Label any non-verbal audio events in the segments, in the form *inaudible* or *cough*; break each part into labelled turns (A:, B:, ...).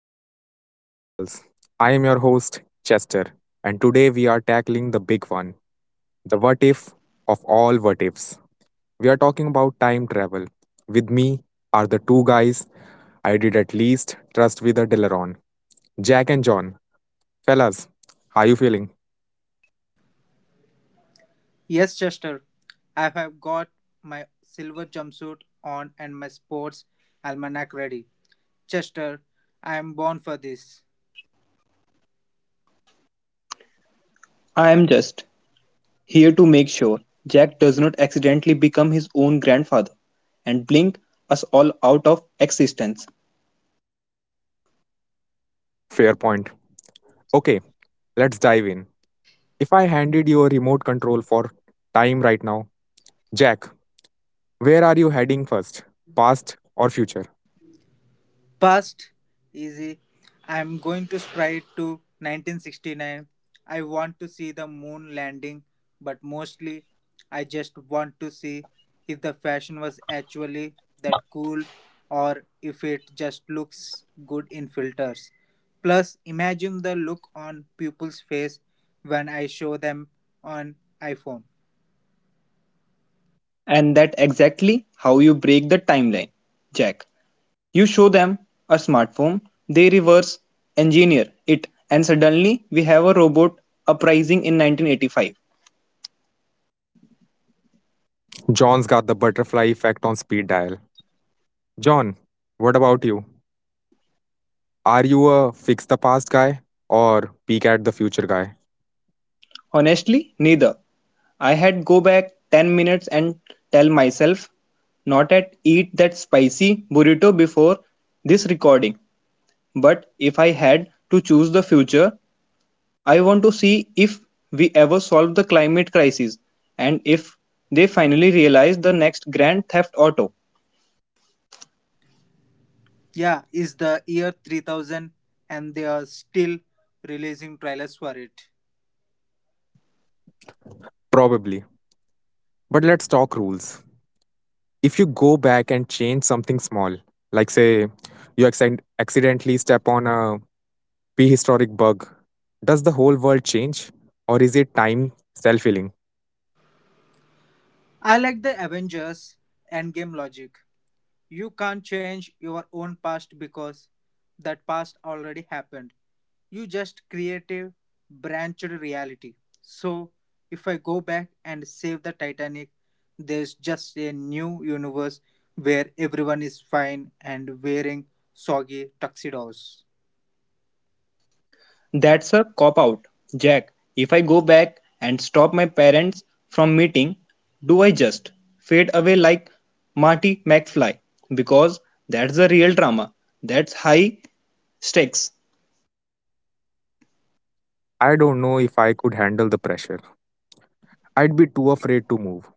A: to the Chronicles. I am your host, Chester, and today we are tackling the big one, the what if of all what ifs. We are talking about time travel. With me are the two guys I did at least trust with a Deleron, Jack and John. Fellas, how you feeling?
B: Yes, Chester, I have got my silver jumpsuit on and my sports almanac ready. Chester, I am born for this.
C: I'm just here to make sure Jack does not accidentally become his own grandfather and blink us all out of existence.
A: Fair point. Okay, let's dive in. If I handed you a remote control for time right now, Jack, where are you heading first? Past or future?
B: Past, easy. I'm going to stride to 1969. I want to see the moon landing, but mostly I just want to see if the fashion was actually that cool or if it just looks good in filters. Plus, imagine the look on people's face when I show them on iPhone.
C: And that's exactly how you break the timeline, Jack. You show them a smartphone, they reverse engineer it, and suddenly we have a robot uprising in 1985.
A: John's got the butterfly effect on speed dial. John, what about you? Are you a fix the past guy or peek at the future guy?
C: Honestly, neither. I had go back 10 minutes and tell myself not to eat that spicy burrito before this recording. But if I had to choose the future, I want to see if we ever solve the climate crisis and if they finally realize the next Grand Theft Auto.
B: Yeah, is the year 3000 and they are still releasing trailers for it.
A: Probably. But let's talk rules. If you go back and change something small, like say you accidentally step on a prehistoric bug, does the whole world change? Or is it time self healing?
B: I like the Avengers endgame logic. You can't change your own past because that past already happened. You just create a branched reality. So if I go back and save the Titanic, there's just a new universe where everyone is fine and wearing soggy tuxedos.
C: That's a cop out. Jack, if I go back and stop my parents from meeting, do I just fade away like Marty McFly? Because that's the real drama. That's high stakes.
A: I don't know if I could handle the pressure. I'd be too afraid to move.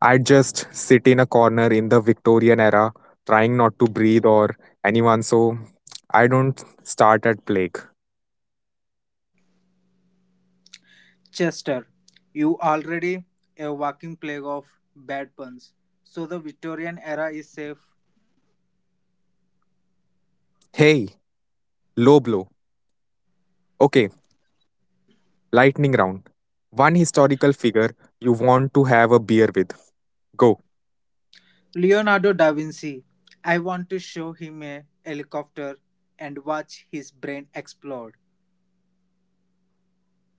A: I'd just sit in a corner in the Victorian era, trying not to breathe or anyone so I don't start at plague.
B: Chester, you already a walking plague of bad puns. So the Victorian era is safe.
A: Hey, low blow. Okay, lightning round. One historical figure you want to have a beer with. Go.
B: Leonardo da Vinci. I want to show him a helicopter and watch his brain explode.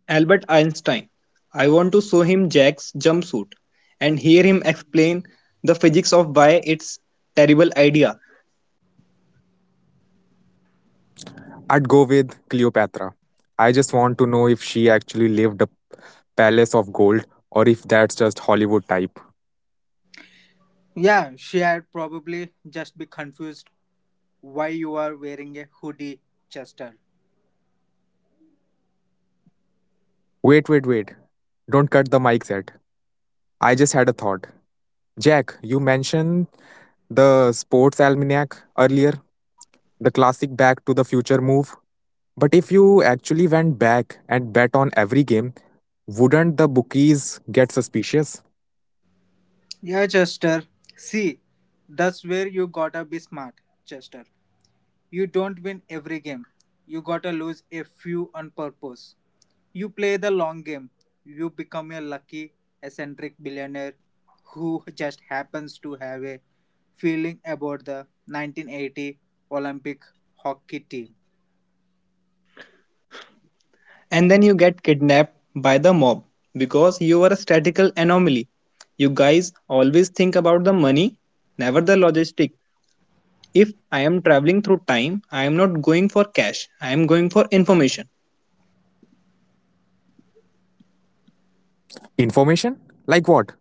C: Albert Einstein. I want to show him Jack's jumpsuit and hear him explain the physics of why it's terrible idea.
A: I'd go with Cleopatra. I just want to know if she actually lived a palace of gold or if that's just Hollywood type.
B: Yeah, she had probably just be confused why you are wearing a hoodie, Chester.
A: Wait, wait, wait. Don't cut the mics yet. I just had a thought. Jack, you mentioned the sports almanac earlier, the classic back to the future move. But if you actually went back and bet on every game, wouldn't the bookies get suspicious?
B: Yeah, Chester. See, that's where you gotta be smart, Chester. You don't win every game. You gotta lose a few on purpose. You play the long game. You become a lucky, eccentric billionaire who just happens to have a feeling about the 1980 Olympic hockey team.
C: And then you get kidnapped by the mob because you are a statistical anomaly. You guys always think about the money, never the logistic. If I am traveling through time, I am not going for cash. I am going for information.
A: Information? Like what?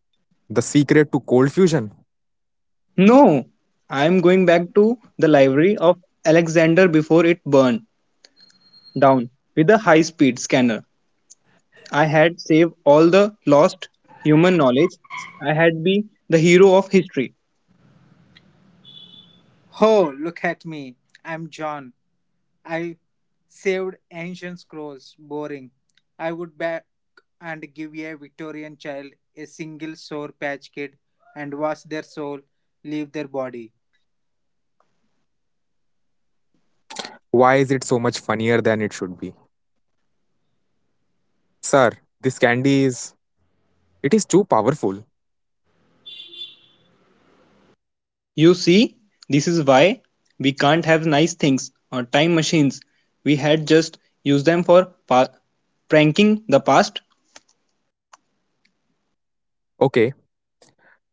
A: The secret to cold fusion?
C: No, I am going back to the library of Alexander before it burned down with a high speed scanner. I had saved all the lost human knowledge. I had been the hero of history.
B: Oh, look at me. I'm John. I saved ancient scrolls, boring. I would back and give a Victorian child a single sore patch kid and wash their soul, leave their body.
A: Why is it so much funnier than it should be? Sir, this candy is. It is too powerful.
C: You see, this is why we can't have nice things or time machines. We had just used them for pranking the past.
A: Okay,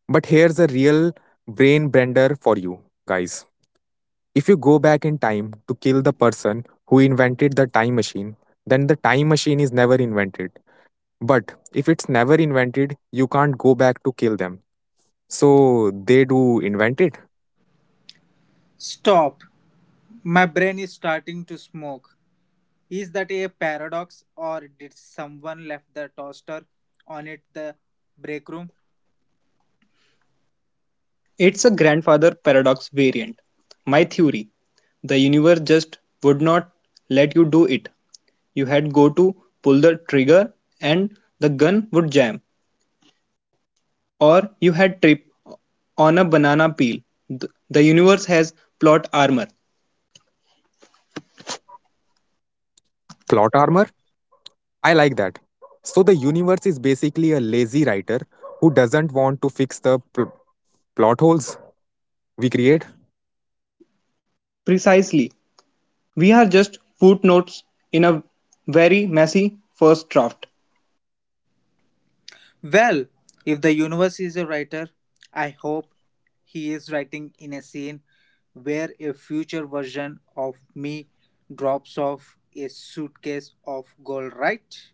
A: but here's a real brain bender for you, guys. If you go back in time to kill the person who invented the time machine, then the time machine is never invented. But if it's never invented, you can't go back to kill them. So they do invent it.
B: Stop! My brain is starting to smoke. Is that a paradox or did someone left the toaster on at the break room?
C: It's a grandfather paradox variant. My theory the universe just would not let you do it. You had go to pull the trigger and the gun would jam, or you had tripped on a banana peel. The universe has plot armor.
A: Plot armor? I like that. So the universe is basically a lazy writer who doesn't want to fix the plot holes we create.
C: Precisely. We are just footnotes in a very messy first draft.
B: Well, if the universe is a writer, I hope he is writing in a scene where a future version of me drops off a suitcase of gold, right?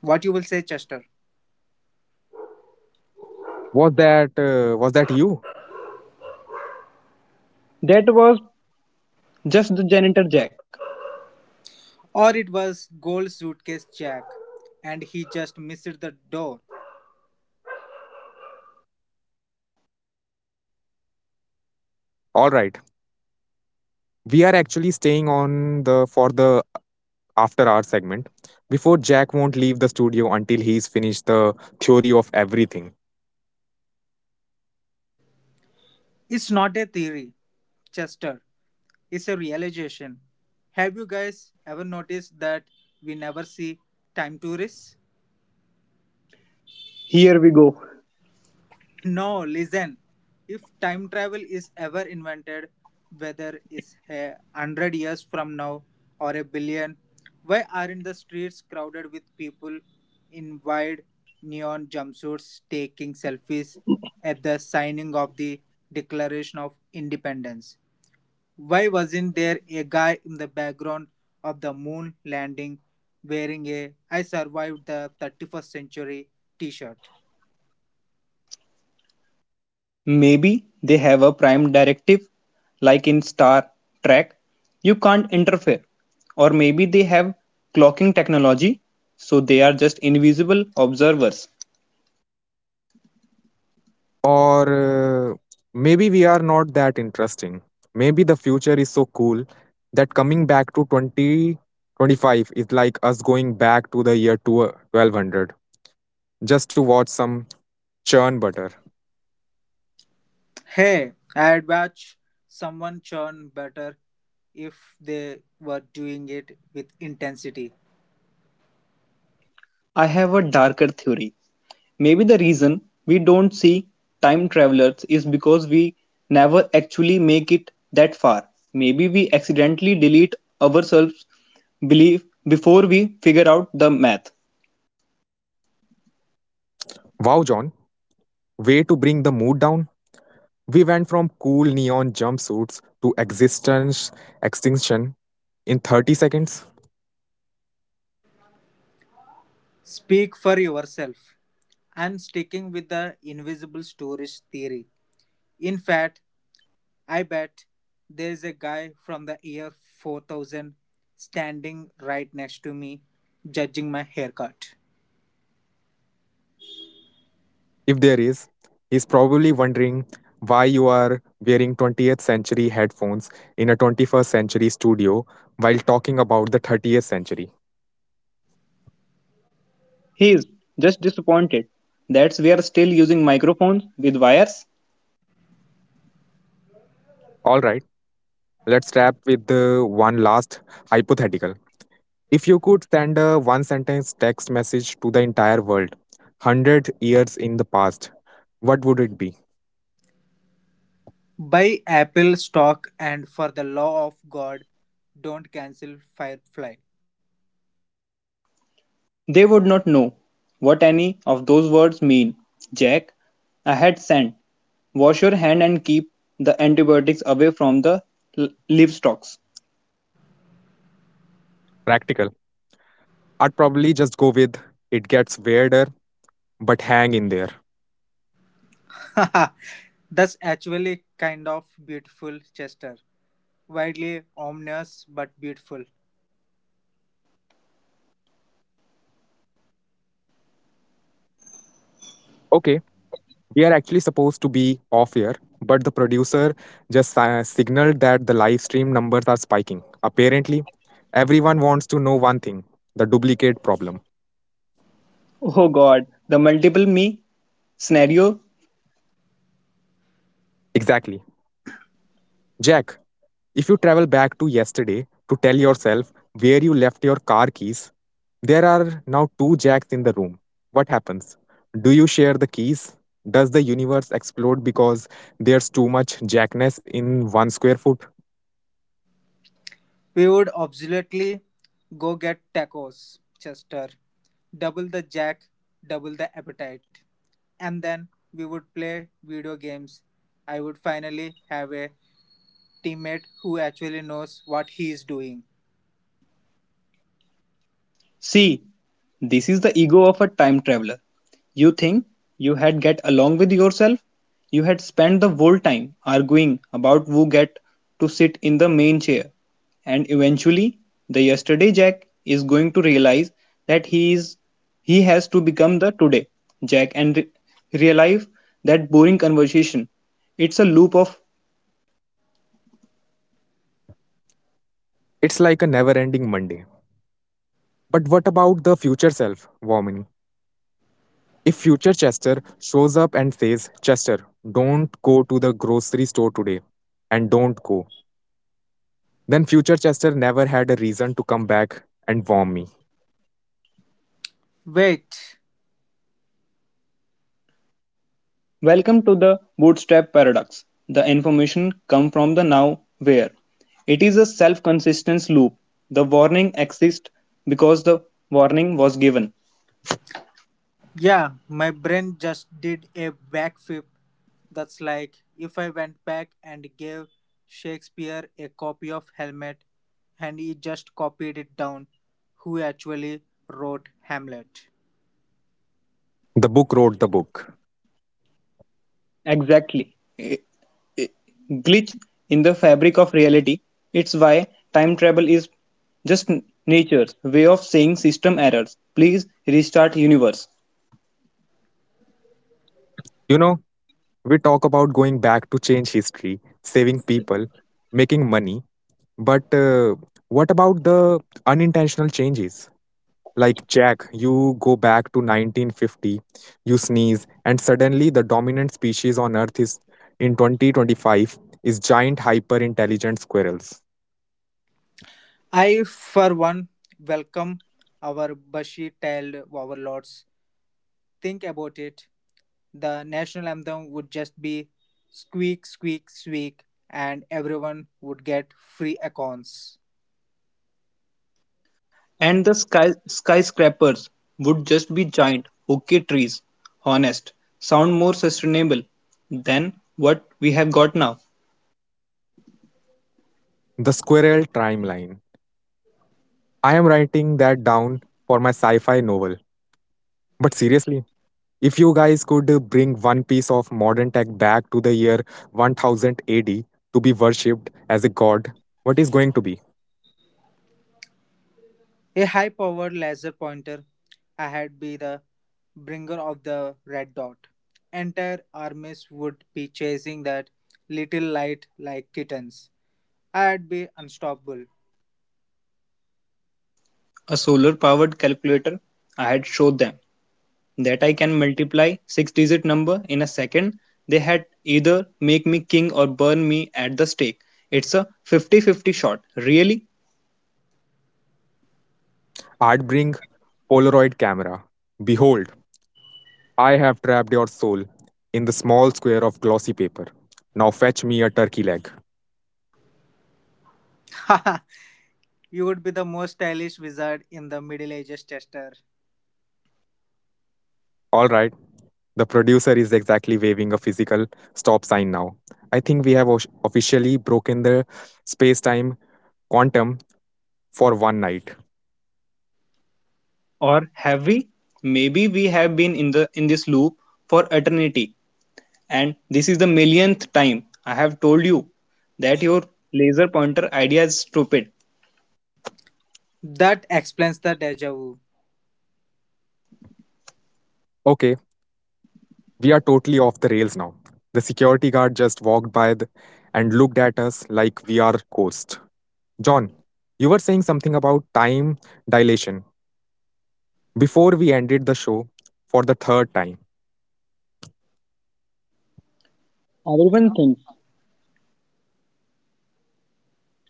B: What you will say, Chester?
A: Was that you?
C: That was just the janitor jack.
B: Or it was gold suitcase Jack and he just missed the door.
A: All right. We are actually staying on the for the after our segment before Jack won't leave the studio until he's finished the theory of everything.
B: It's not a theory, Chester. It's a realization. Have you guys ever noticed that we never see time tourists?
C: Here we go.
B: No, listen. If time travel is ever invented, whether it's a hundred years from now or a billion, why aren't the streets crowded with people in wide neon jumpsuits taking selfies at the signing of the Declaration of Independence? Why wasn't there a guy in the background of the moon landing wearing a I survived the 31st century t shirt?
C: Maybe they have a prime directive, like in Star Trek. You can't interfere. Or maybe they have clocking technology, so they are just invisible observers.
A: Or maybe we are not that interesting. Maybe the future is so cool that coming back to 2025 is like us going back to the year 2 1200 just to watch some churn butter.
B: Hey, I'd watch someone churn better if they were doing it with intensity.
C: I have a darker theory. Maybe the reason we don't see time travelers is because we never actually make it that far. Maybe we accidentally delete ourselves belief before we figure out the math.
A: Wow, John, way to bring the mood down. We went from cool neon jumpsuits to existence extinction in 30 seconds.
B: Speak for yourself. I'm sticking with the invisible storage theory. In fact, I bet there's a guy from the year 4000 standing right next to me judging my haircut.
A: If there is, he's probably wondering why you are wearing 20th century headphones in a 21st century studio while talking about the 30th century.
C: He is just disappointed that we are still using microphones with wires.
A: All right, let's wrap with one last hypothetical. If you could send a one sentence text message to the entire world, 100 years in the past, what would it be?
B: Buy Apple stock and for the law of God, don't cancel Firefly.
C: They would not know what any of those words mean. Jack, I had sent. Wash your hand and keep the antibiotics away from the livestock.
A: Practical. I'd probably just go with it gets weirder, but hang in there.
B: *laughs* That's actually kind of beautiful, Chester. Wildly ominous, but beautiful.
A: Okay, we are actually supposed to be off air, but the producer just signaled that the live stream numbers are spiking. Apparently, everyone wants to know one thing, the duplicate problem.
C: Oh God, the multiple me scenario.
A: Exactly. Jack, if you travel back to yesterday to tell yourself where you left your car keys, there are now two Jacks in the room. What happens? Do you share the keys? Does the universe explode because there's too much Jackness in one square foot?
B: We would absolutely go get tacos, Chester. Double the jack, double the appetite. And then we would play video games. I would finally have a teammate who actually knows what he is doing.
C: C This is the ego of a time traveler. You think you had get along with yourself? You had spent the whole time arguing about who get to sit in the main chair. And eventually the yesterday Jack is going to realize that he is he has to become the today Jack and realize that boring conversation. It's a loop of.
A: It's like a never ending Monday. But what about the future self, Vomini? If future Chester shows up and says, Chester, don't go to the grocery store today, and don't go, then future Chester never had a reason to come back and warn me.
B: Wait.
C: Welcome to the bootstrap paradox. The information comes from the now where. It is a self-consistence loop. The warning exists because the warning was given.
B: Yeah, my brain just did a backflip. That's like if I went back and gave Shakespeare a copy of Hamlet and he just copied it down, who actually wrote Hamlet.
A: The book wrote the book.
C: Exactly. Glitch in the fabric of reality. It's why time travel is just nature's way of saying system errors. Please restart universe.
A: You know, we talk about going back to change history, saving people, making money, but what about the unintentional changes? Like Jack, you go back to 1950, you sneeze, and suddenly the dominant species on Earth is in 2025 is giant hyper intelligent squirrels.
B: I, for one, welcome our bushy tailed overlords. Think about it. The national anthem would just be squeak, squeak, squeak, and everyone would get free accounts.
C: And the sky, skyscrapers would just be giant okay trees. Honest, sound more sustainable than what we have got now.
A: The squirrel timeline. I am writing that down for my sci fi novel. But seriously, if you guys could bring one piece of modern tech back to the year 1000 AD to be worshipped as a god, what is going to be?
B: A high-powered laser pointer ahead be the bringer of the red dot. Entire armies would be chasing that little light like kittens. I'd be unstoppable.
C: A solar powered calculator. I had showed them that I can multiply six digit number in a second. They had either make me king or burn me at the stake. It's a 50-50 shot. Really?
A: I'd bring Polaroid camera. Behold, I have trapped your soul in the small square of glossy paper. Now fetch me a turkey leg.
B: *laughs* you would be the most stylish wizard in the Middle Ages Chester.
A: All right. The producer is exactly waving a physical stop sign now. I think we have officially broken the space time quantum for one night.
C: Or have we? Maybe we have been in the in this loop for eternity. And this is the millionth time I have told you that your laser pointer idea is stupid.
B: That explains the deja vu.
A: Okay, we are totally off the rails now. The security guard just walked by and looked at us like we are ghosts. John, you were saying something about time dilation before we ended the show for the third time.
C: Everyone thinks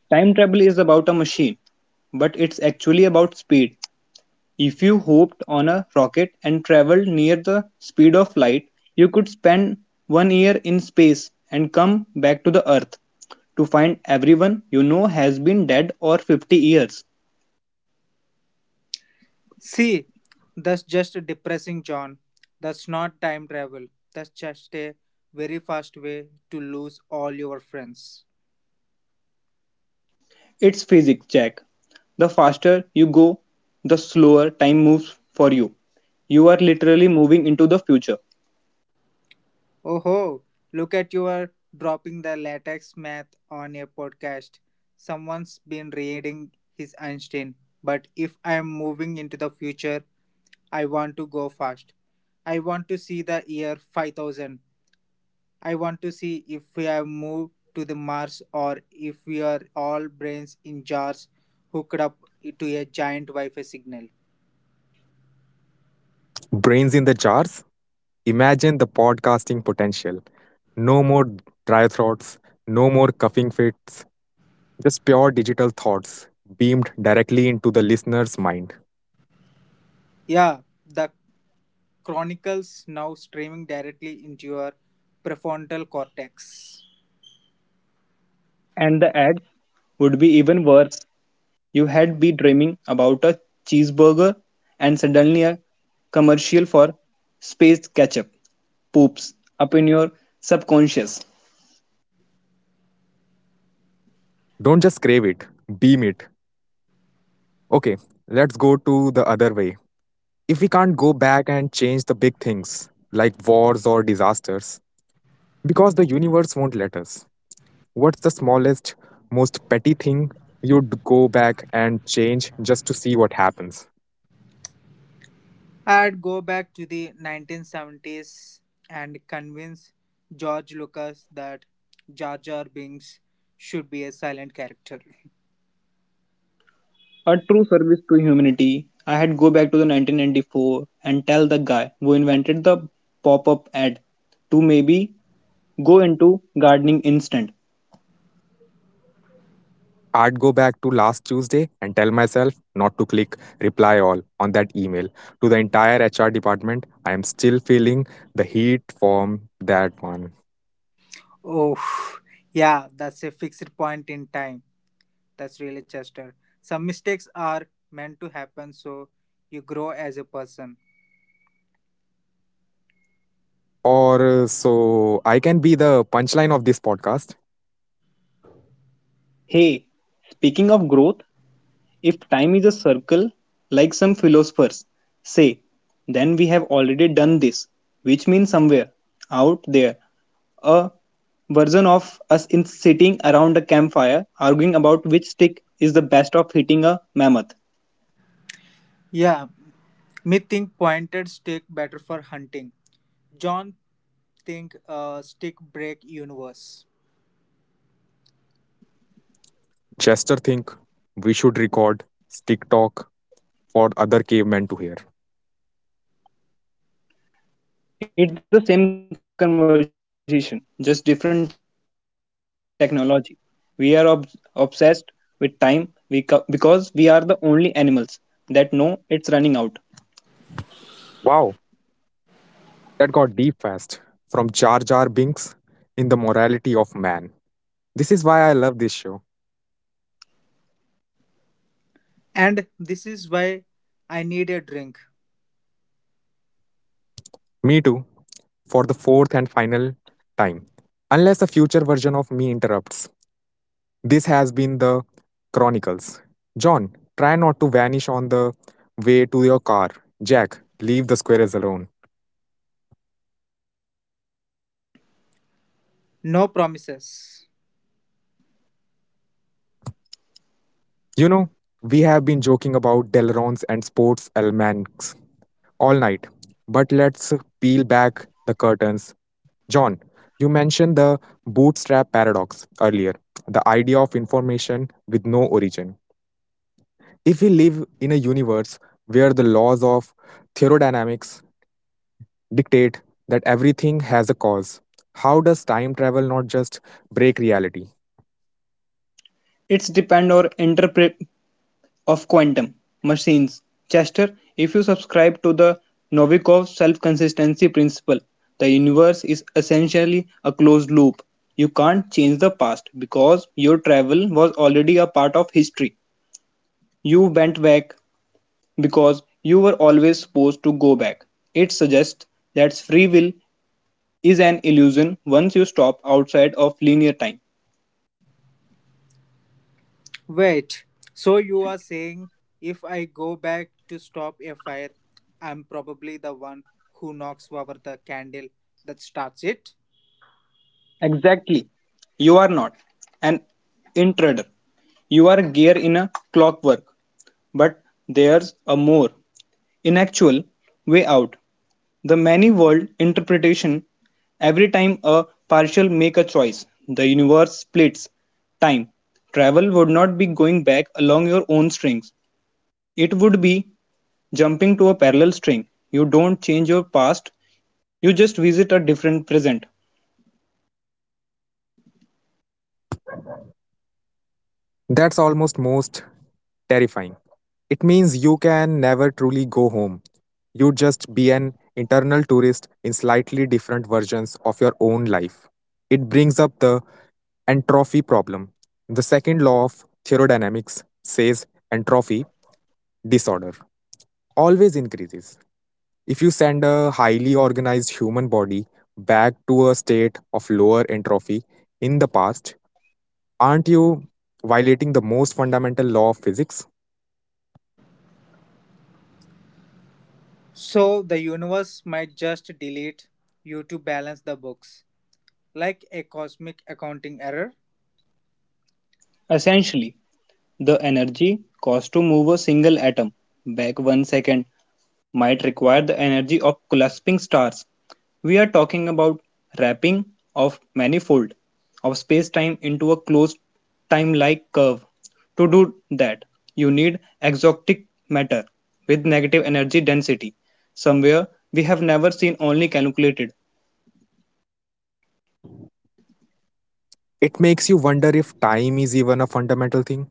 C: time travel is about a machine, but it's actually about speed. If you hopped on a rocket and traveled near the speed of light, you could spend 1 year in space and come back to the earth to find everyone you know has been dead or 50 years.
B: See, that's just depressing, John. That's not time travel. That's just a very fast way to lose all your friends.
C: It's physics, Jack. The faster you go, the slower time moves for you. You are literally moving into the future.
B: Oh, ho! Look at your dropping the latex math on a podcast. Someone's been reading his Einstein. But if I am moving into the future, I want to go fast. I want to see the year 5000. I want to see if we have moved to the Mars or if we are all brains in jars hooked up to a giant Wi Fi signal.
A: Brains in the jars? Imagine the podcasting potential. No more dry throats, no more coughing fits, just pure digital thoughts beamed directly into the listener's mind.
B: Yeah, the Chronicles now streaming directly into your prefrontal cortex.
C: And the ads would be even worse. You had be dreaming about a cheeseburger and suddenly a commercial for space ketchup poops up in your subconscious.
A: Don't just crave it, beam it. Okay, let's go to the other way. If we can't go back and change the big things, like wars or disasters, because the universe won't let us, what's the smallest, most petty thing you'd go back and change just to see what happens?
B: I'd go back to the 1970s and convince George Lucas that Jar Jar Binks should be a silent character.
C: A true service to humanity. I had go back to the 1994 and tell the guy who invented the pop-up ad to maybe go into gardening instant.
A: I'd go back to last Tuesday and tell myself not to click reply all on that email. To the entire HR department, I am still feeling the heat from that one.
B: Oh, yeah, that's a fixed point in time. That's really Chester. Some mistakes are meant to happen so you grow as a person.
A: Or so I can be the punchline of this podcast.
C: Hey, speaking of growth, if time is a circle, like some philosophers say, then we have already done this, which means somewhere out there, a version of us in sitting around a campfire arguing about which stick is the best of hitting a mammoth.
B: Yeah, me think pointed stick better for hunting. John think stick break universe.
A: Chester think we should record stick talk for other cavemen to hear.
C: It's the same conversation, just different technology. We are obsessed with time because we are the only animals that know it's running out.
A: Wow, that got deep fast. From Jar Jar Binks in the morality of man. This is why I love this show.
B: And this is why I need a drink.
A: Me too, for the fourth and final time. Unless a future version of me interrupts. This has been the Chronicles. John, try not to vanish on the way to your car. Jack, leave the squirrels alone.
B: No promises.
A: You know, we have been joking about Delrons and sports almanacs all night, but let's peel back the curtains. John, you mentioned the bootstrap paradox earlier, the idea of information with no origin. If we live in a universe where the laws of thermodynamics dictate that everything has a cause, how does time travel not just break reality?
C: It's depend or interpret of quantum machines. Chester, if you subscribe to the Novikov self-consistency principle, the universe is essentially a closed loop. You can't change the past because your travel was already a part of history. You went back because you were always supposed to go back. It suggests that free will is an illusion once you stop outside of linear time.
B: Wait, so you are saying if I go back to stop a fire, I'm probably the one who knocks over the candle that starts it?
C: Exactly. You are not an intruder. You are gear in a clockwork, but there's a more inactual way out. The many world interpretation every time a partial make a choice, the universe splits. Time travel would not be going back along your own strings. It would be jumping to a parallel string. You don't change your past, you just visit a different present.
A: That's almost most terrifying. It means you can never truly go home. You just be an internal tourist in slightly different versions of your own life. It brings up the entropy problem. The second law of thermodynamics says entropy disorder always increases. If you send a highly organized human body back to a state of lower entropy in the past, aren't you violating the most fundamental law of physics?
B: So the universe might just delete you to balance the books, like a cosmic accounting error.
C: Essentially, the energy cost to move a single atom back 1 second might require the energy of collapsing stars. We are talking about wrapping of manifold of space-time into a closed time-like curve. To do that, you need exotic matter with negative energy density. Somewhere we have never seen only calculated.
A: It makes you wonder if time is even a fundamental thing.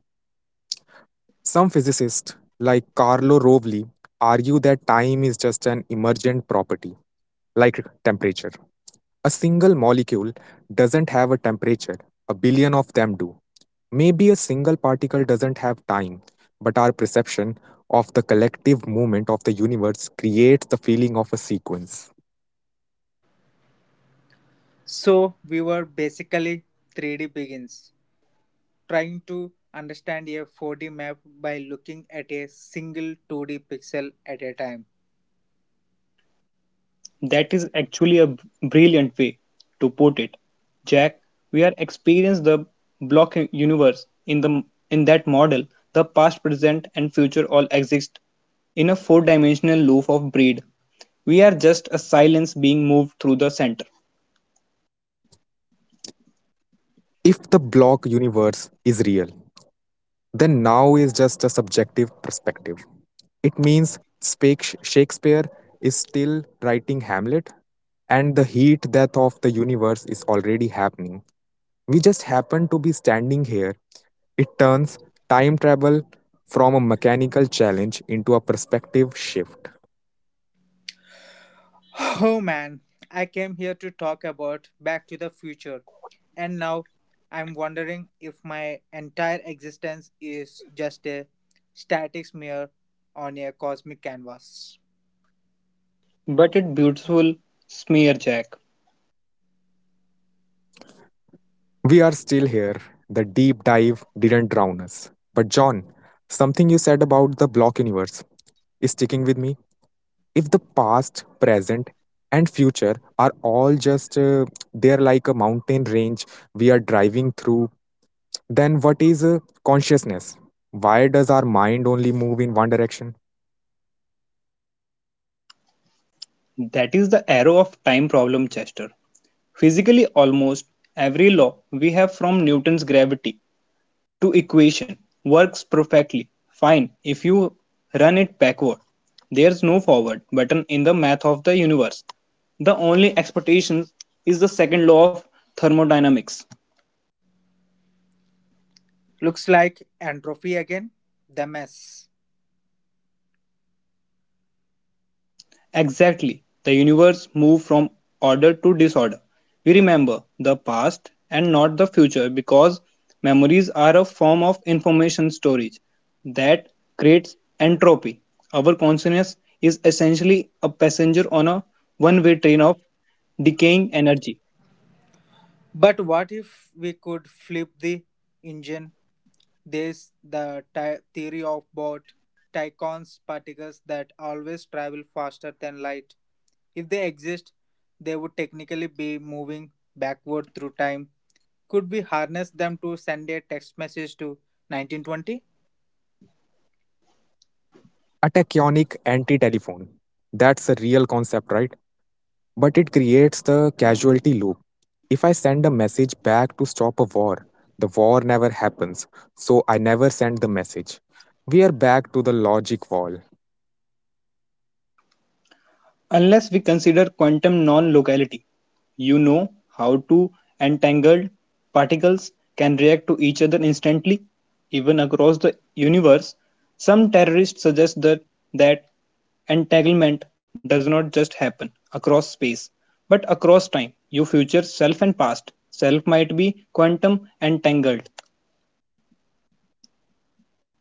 A: Some physicists, like Carlo Rovelli, argue that time is just an emergent property, like temperature. A single molecule doesn't have a temperature, a billion of them do. Maybe a single particle doesn't have time, but our perception of the collective movement of the universe creates the feeling of a sequence.
B: So we were basically 3D begins, trying to understand a 4D map by looking at a single 2D pixel at a time.
C: That is actually a brilliant way to put it. Jack, we are experiencing the block universe in the in that model. The past, present and future all exist in a four-dimensional loop of breed. We are just a silence being moved through the center.
A: If the block universe is real, then now is just a subjective perspective. It means Shakespeare is still writing Hamlet, and the heat death of the universe is already happening. We just happen to be standing here. It turns time travel from a mechanical challenge into a perspective shift.
B: *sighs* Oh man, I came here to talk about Back to the Future, and now I'm wondering if my entire existence is just a static smear on a cosmic canvas.
C: But it beautiful smear jack.
A: We are still here. The deep dive didn't drown us. But, John, something you said about the block universe is sticking with me. If the past, present, and future are all just there like a mountain range we are driving through, then what is consciousness? Why does our mind only move in one direction?
C: That is the arrow of time problem Chester. Physically almost every law we have from Newton's gravity to equation works perfectly fine if you run it backward. There's no forward button in the math of the universe. The only expectation is the second law of thermodynamics.
B: Looks like entropy again, the mess.
C: Exactly. The universe moved from order to disorder. We remember the past and not the future because memories are a form of information storage that creates entropy. Our consciousness is essentially a passenger on a one way train of decaying energy.
B: But what if we could flip the engine? There's the theory of bought Tychon's particles that always travel faster than light. If they exist, they would technically be moving backward through time. Could we harness them to send a text message to 1920?
A: A tachyonic anti telephone. That's a real concept, right? But it creates the casualty loop. If I send a message back to stop a war, the war never happens, so I never send the message. We are back to the logic wall.
C: Unless we consider quantum non-locality, you know how two entangled particles can react to each other instantly, even across the universe. Some terrorists suggest that entanglement does not just happen across space, but across time, your future self and past self might be quantum entangled.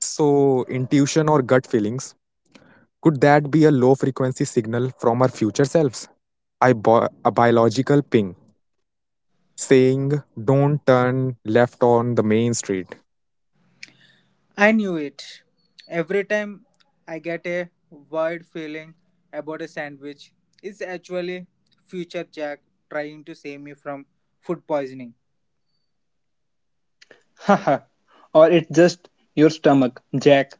A: So, intuition or gut feelings, could that be a low frequency signal from our future selves? A biological ping saying, don't turn left on the main street.
B: I knew it. Every time I get a weird feeling about a sandwich, it's actually future Jack trying to save me from food poisoning.
C: Haha, *laughs* or it's just your stomach, Jack,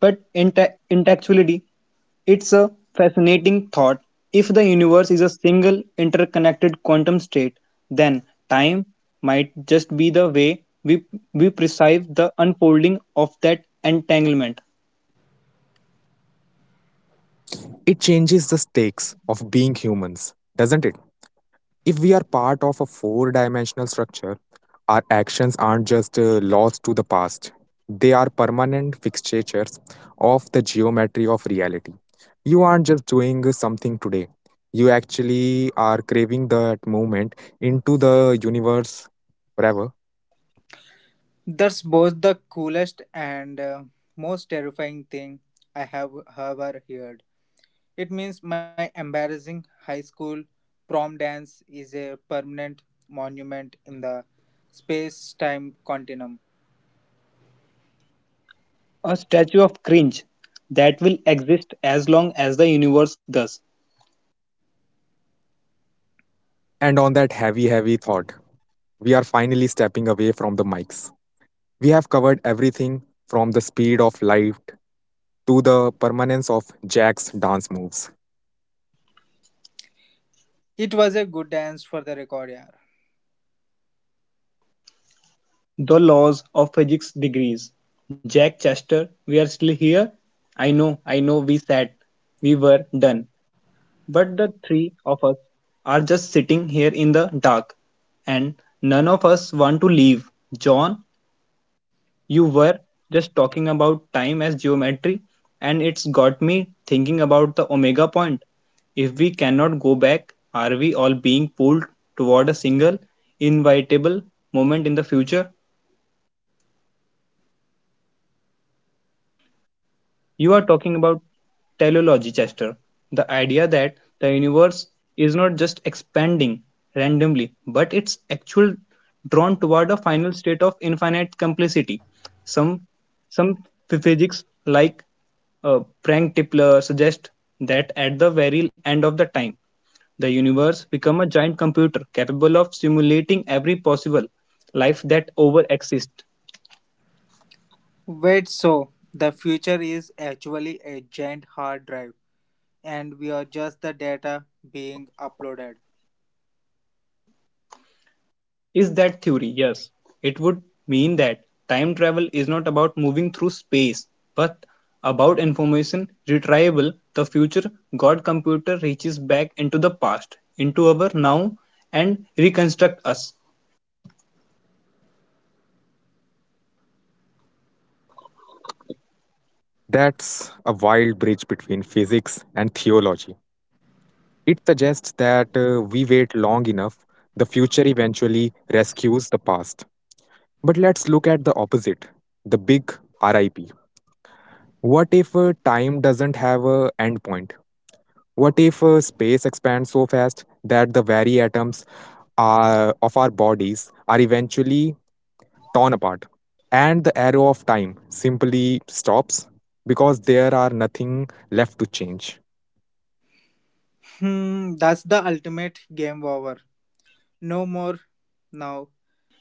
C: but in actuality, it's a fascinating thought. If the universe is a single interconnected quantum state, then time might just be the way we perceive the unfolding of that entanglement.
A: It changes the stakes of being humans, doesn't it? If we are part of a four dimensional structure, our actions aren't just lost to the past, they are permanent fixtures of the geometry of reality. You aren't just doing something today, you actually are craving that movement into the universe forever.
B: That's both the coolest and most terrifying thing I have ever heard. It means my embarrassing high school prom dance is a permanent monument in the space time continuum.
C: A statue of cringe that will exist as long as the universe does.
A: And on that heavy, heavy thought, we are finally stepping away from the mics. We have covered everything from the speed of light to the permanence of Jack's dance moves.
B: It was a good dance for the record year.
C: The laws of physics degrees. Jack Chester, we are still here. I know, we sat, we were done. But the three of us are just sitting here in the dark, and none of us want to leave. John, you were just talking about time as geometry, and it's got me thinking about the omega point. If we cannot go back, are we all being pulled toward a single, inevitable moment in the future? You are talking about teleology, Chester. The idea that the universe is not just expanding randomly, but it's actually drawn toward a final state of infinite complexity. Some some physics like Frank Tipler suggest that at the very end of the time, the universe become a giant computer capable of simulating every possible life that over exists.
B: Wait, so the future is actually a giant hard drive, and we are just the data being uploaded.
C: Is that theory? Yes. It would mean that time travel is not about moving through space, but about information retrieval. The future God computer reaches back into the past, into our now, and reconstruct us.
A: That's a wild bridge between physics and theology. It suggests that we wait long enough, the future eventually rescues the past. But let's look at the opposite, the big RIP. What if time doesn't have an endpoint? What if space expands so fast that the very atoms of our bodies are eventually torn apart? And the arrow of time simply stops because there are nothing left to change.
B: Hmm, that's the ultimate game over. No more now,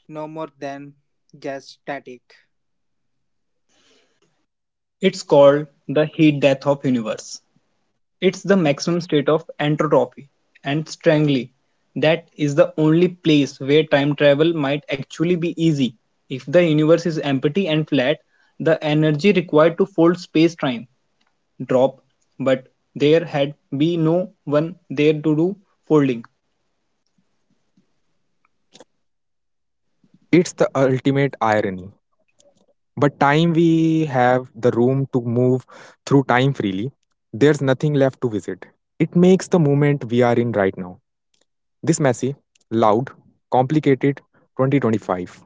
B: no more than just static.
C: It's called the heat death of universe. It's the maximum state of entropy, and strangely, that is the only place where time travel might actually be easy. If the universe is empty and flat, the energy required to fold space time drop, but there had be no one there to do folding.
A: It's the ultimate irony. But time we have the room to move through time freely, there's nothing left to visit. It makes the moment we are in right now. This messy, loud, complicated 2025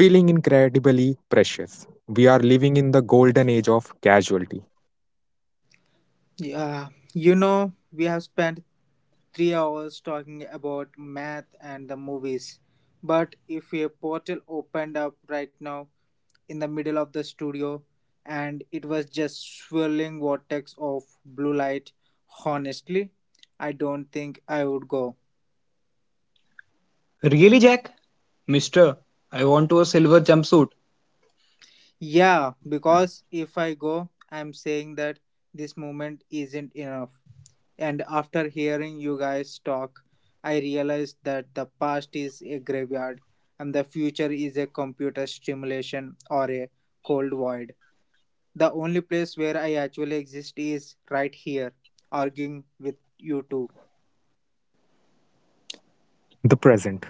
A: feeling incredibly precious. We are living in the golden age of casualty.
B: Yeah, you know, we have spent 3 hours talking about math and the movies. But if a portal opened up right now in the middle of the studio and it was just swirling vortex of blue light, honestly, I don't think I would go.
C: Really, Jack? Mister, I want a silver jumpsuit.
B: Yeah, because if I go, I'm saying that this moment isn't enough. And after hearing you guys talk, I realized that the past is a graveyard and the future is a computer stimulation or a cold void. The only place where I actually exist is right here, arguing with you two.
A: The present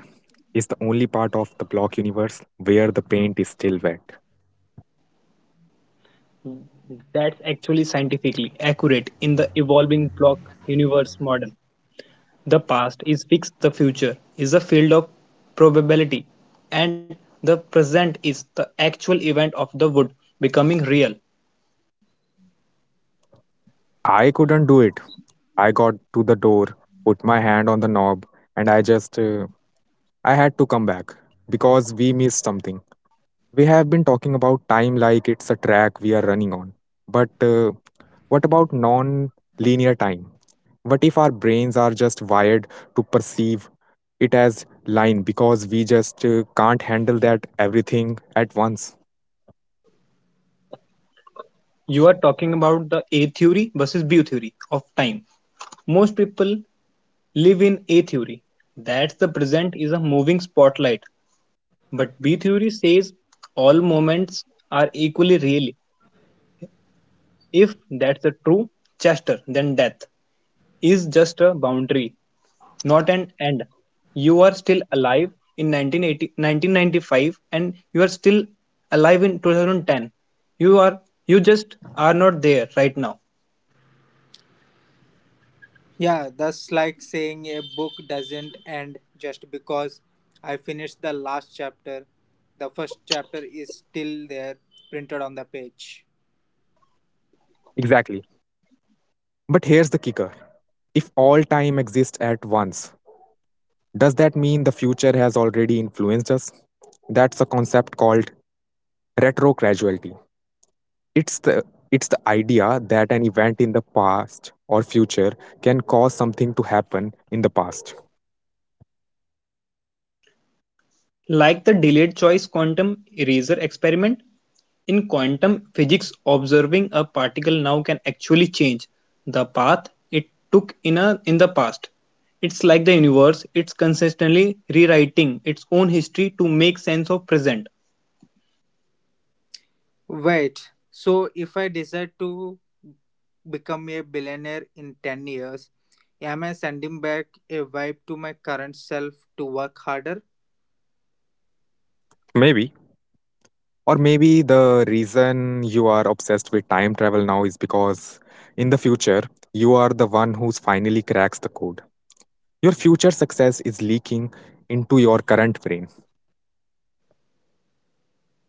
A: is the only part of the block universe where the paint is still wet.
C: That's actually scientifically accurate in the evolving block universe model. The past is fixed, the future is a field of probability, and the present is the actual event of the wood becoming real.
A: I couldn't do it. I got to the door, put my hand on the knob, and I just I had to come back because we missed something. We have been talking about time like it's a track we are running on. But what about non linear time? What if our brains are just wired to perceive it as line because we just can't handle that everything at once?
C: You are talking about the A theory versus B theory of time. Most people live in A theory. That the present is a moving spotlight. But B theory says all moments are equally real. If that's the true, Chester, then death is just a boundary not an end. You are still alive in 1995 and you are still alive in 2010. You are you just are not there right now.
B: Yeah, that's like saying a book doesn't end just because I finished the last chapter. The first chapter is still there, printed on the page.
A: Exactly. But here's the kicker if all time exists at once, does that mean the future has already influenced us? That's a concept called retrocausality. It's the it's the idea that an event in the past or future can cause something to happen in the past.
C: Like the delayed choice quantum eraser experiment, in quantum physics observing a particle now can actually change the path it took in the past. It's like the universe, it's consistently rewriting its own history to make sense of present.
B: Wait, so if I decide to become a billionaire in 10 years, am I sending back a vibe to my current self to work harder?
A: Maybe. Or maybe the reason you are obsessed with time travel now is because in the future you are the one who's finally cracks the code. Your future success is leaking into your current brain.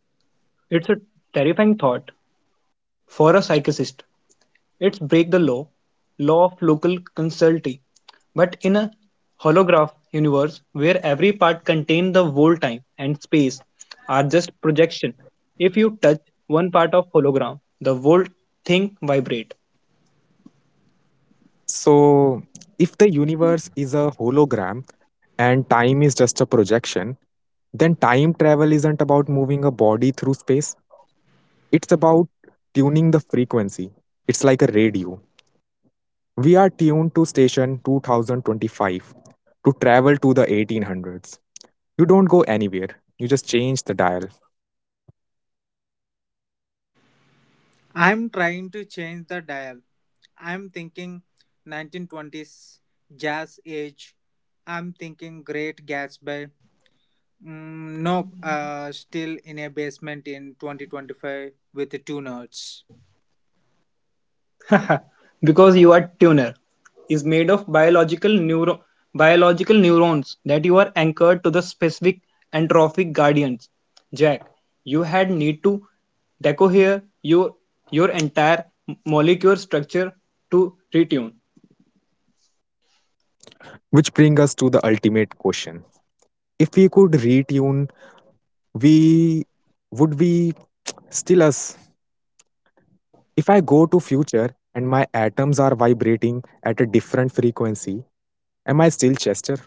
C: It's a terrifying thought. For a psychicist, it's break law of local causality, but in a holograph universe where every part contains the whole time and space are just projection. If you touch one part of hologram, the whole thing vibrate.
A: So, if the universe is a hologram and time is just a projection, then time travel isn't about moving a body through space. It's about tuning the frequency. It's like a radio. We are tuned to station 2025 to travel to the 1800s. You don't go anywhere, you just change the dial.
B: I'm trying to change the dial. I'm thinking 1920s jazz age. I'm thinking Great Gatsby. Mm, nope, still in a basement in 2025 with two nerds.
C: Because your tuner is made of biological neurons that you are anchored to the specific entropic guardians. Jack, you had need to decohere your entire molecular structure to retune.
A: Which brings us to the ultimate question. If we could retune, we would we still us? If I go to future and my atoms are vibrating at a different frequency, am I still Chester?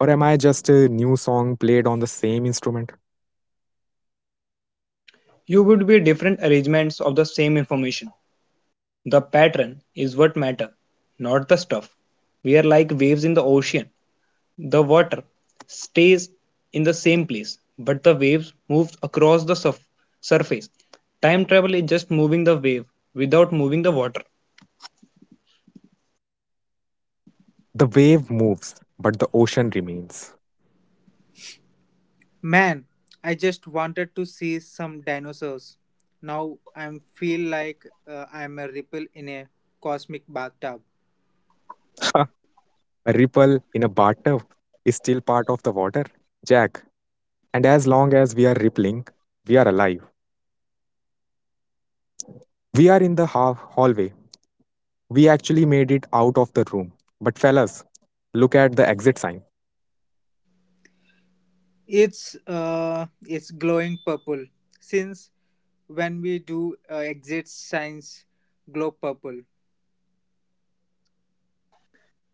A: Or am I just a new song played on the same instrument?
C: You would be different arrangements of the same information. The pattern is what matter, not the stuff. We are like waves in the ocean. The water stays in the same place, but the waves move across the surface. Time travel is just moving the wave without moving the water.
A: The wave moves, but the ocean remains.
B: Man, I just wanted to see some dinosaurs. Now I feel like I'm a ripple in a cosmic bathtub.
A: *laughs* A ripple in a bathtub is still part of the water, Jack. And as long as we are rippling, we are alive. We are in the hallway. We actually made it out of the room. But, fellas, look at the exit sign.
B: It's glowing purple. Since when we do exit signs glow purple.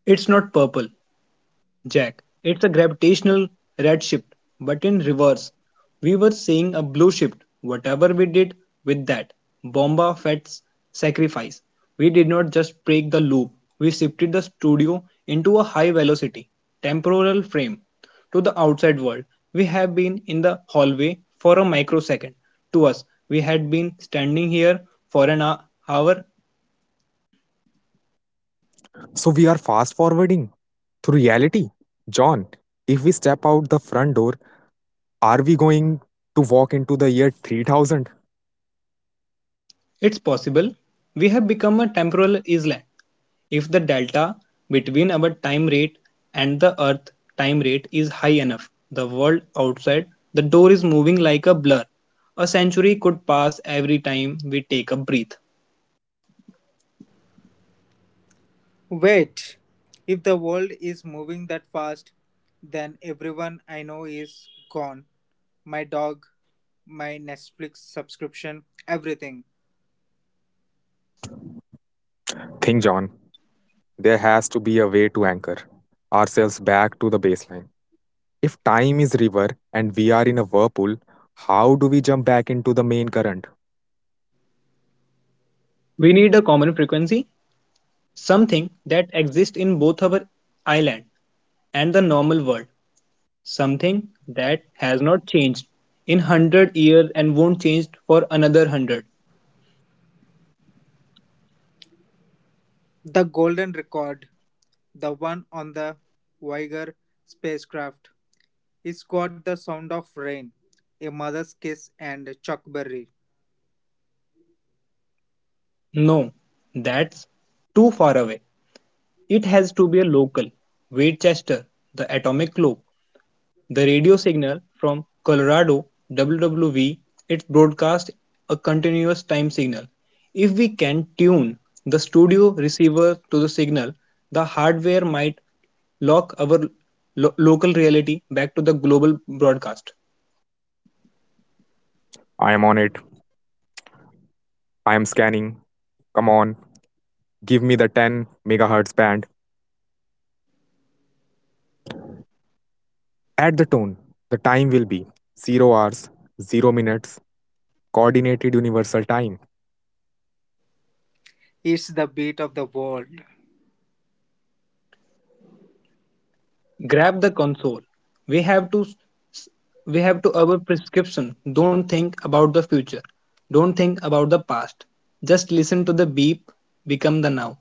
C: It's not purple, Jack, it's a gravitational red shift, but in reverse. We were seeing a blue shift. Whatever we did with that Bomba Fett's sacrifice, we did not just break the loop, we shifted the studio into a high velocity, temporal frame. To the outside world, we have been in the hallway for a microsecond. To us, we had been standing here for an hour.
A: So, we are fast forwarding through reality. John, if we step out the front door, are we going to walk into the year 3000?
C: It's possible we have become a temporal island if the delta between our time rate and the Earth time rate is high enough. The world outside the door is moving like a blur. A century could pass every time we take a breath.
B: Wait, if the world is moving that fast, then everyone I know is gone. My dog, my Netflix subscription, everything.
A: Think, John. There has to be a way to anchor ourselves back to the baseline. If time is river and we are in a whirlpool, how do we jump back into the main current?
C: We need a common frequency, something that exists in both our island and the normal world, something that has not changed in 100 years and won't change for another 100.
B: The golden record. The one on the Voyager spacecraft. It's got the sound of rain, a mother's kiss, and Chuck Berry.
C: No, that's too far away. It has to be a local. Westchester, the atomic clock, the radio signal from Colorado WWV, it broadcasts a continuous time signal. If we can tune the studio receiver to the signal, the hardware might lock our local reality back to the global broadcast.
A: I am on it. I am scanning. Come on, give me the 10 megahertz band. Add the tone. The time will be 0 hours, 0 minutes, coordinated universal time.
B: It's the beat of the world.
C: Grab the console. We have to we have to our prescription. Don't think about the future. Don't think about the past. Just listen to the beep, become the now.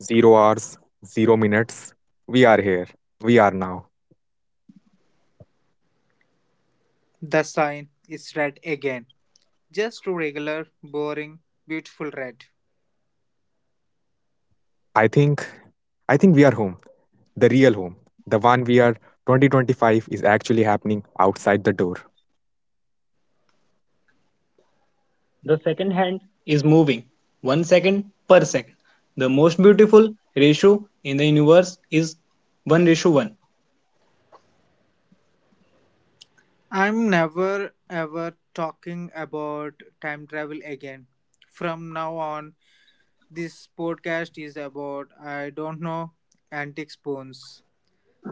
A: 0 hours, 0 minutes. We are here. We are now.
B: The sign is red again. Just regular, boring, beautiful red.
A: I think I think we are home. The real home. The one we are 2025 is actually happening outside the door.
C: The second hand is moving. 1 second per second. The most beautiful ratio in the universe is 1 ratio 1.
B: I'm never ever talking about time travel again. From now on, this podcast is about, I don't know, antique spoons.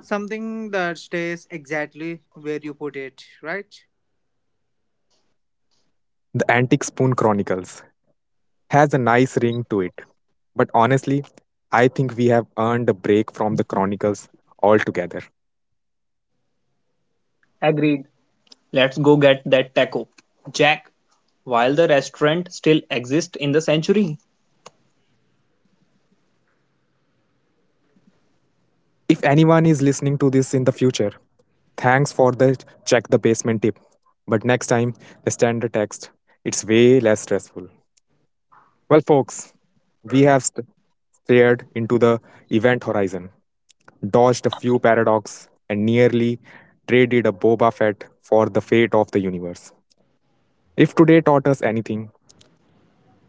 B: Something that stays exactly where you put it, right?
A: The Antique Spoon Chronicles has a nice ring to it, but honestly, I think we have earned a break from the Chronicles altogether.
C: Agreed. Let's go get that taco. Jack, while the restaurant still exists in the century,
A: If anyone is listening to this in the future, thanks for the check the basement tip. But next time, the standard text, it's way less stressful. Well, folks, we have stared into the event horizon, dodged a few paradoxes and nearly traded a Boba Fett for the fate of the universe. If today taught us anything,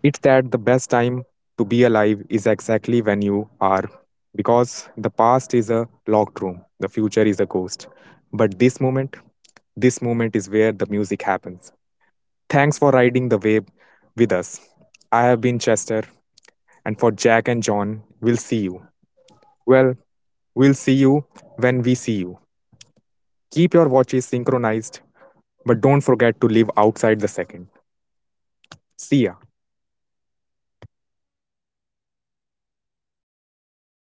A: it's that the best time to be alive is exactly when you are, because the past is a locked room, the future is a ghost. But this moment is where the music happens. Thanks for riding the wave with us. I have been Chester, and for Jack and John, we'll see you. Well, we'll see you when we see you. Keep your watches synchronized. But don't forget to live outside the second. See ya.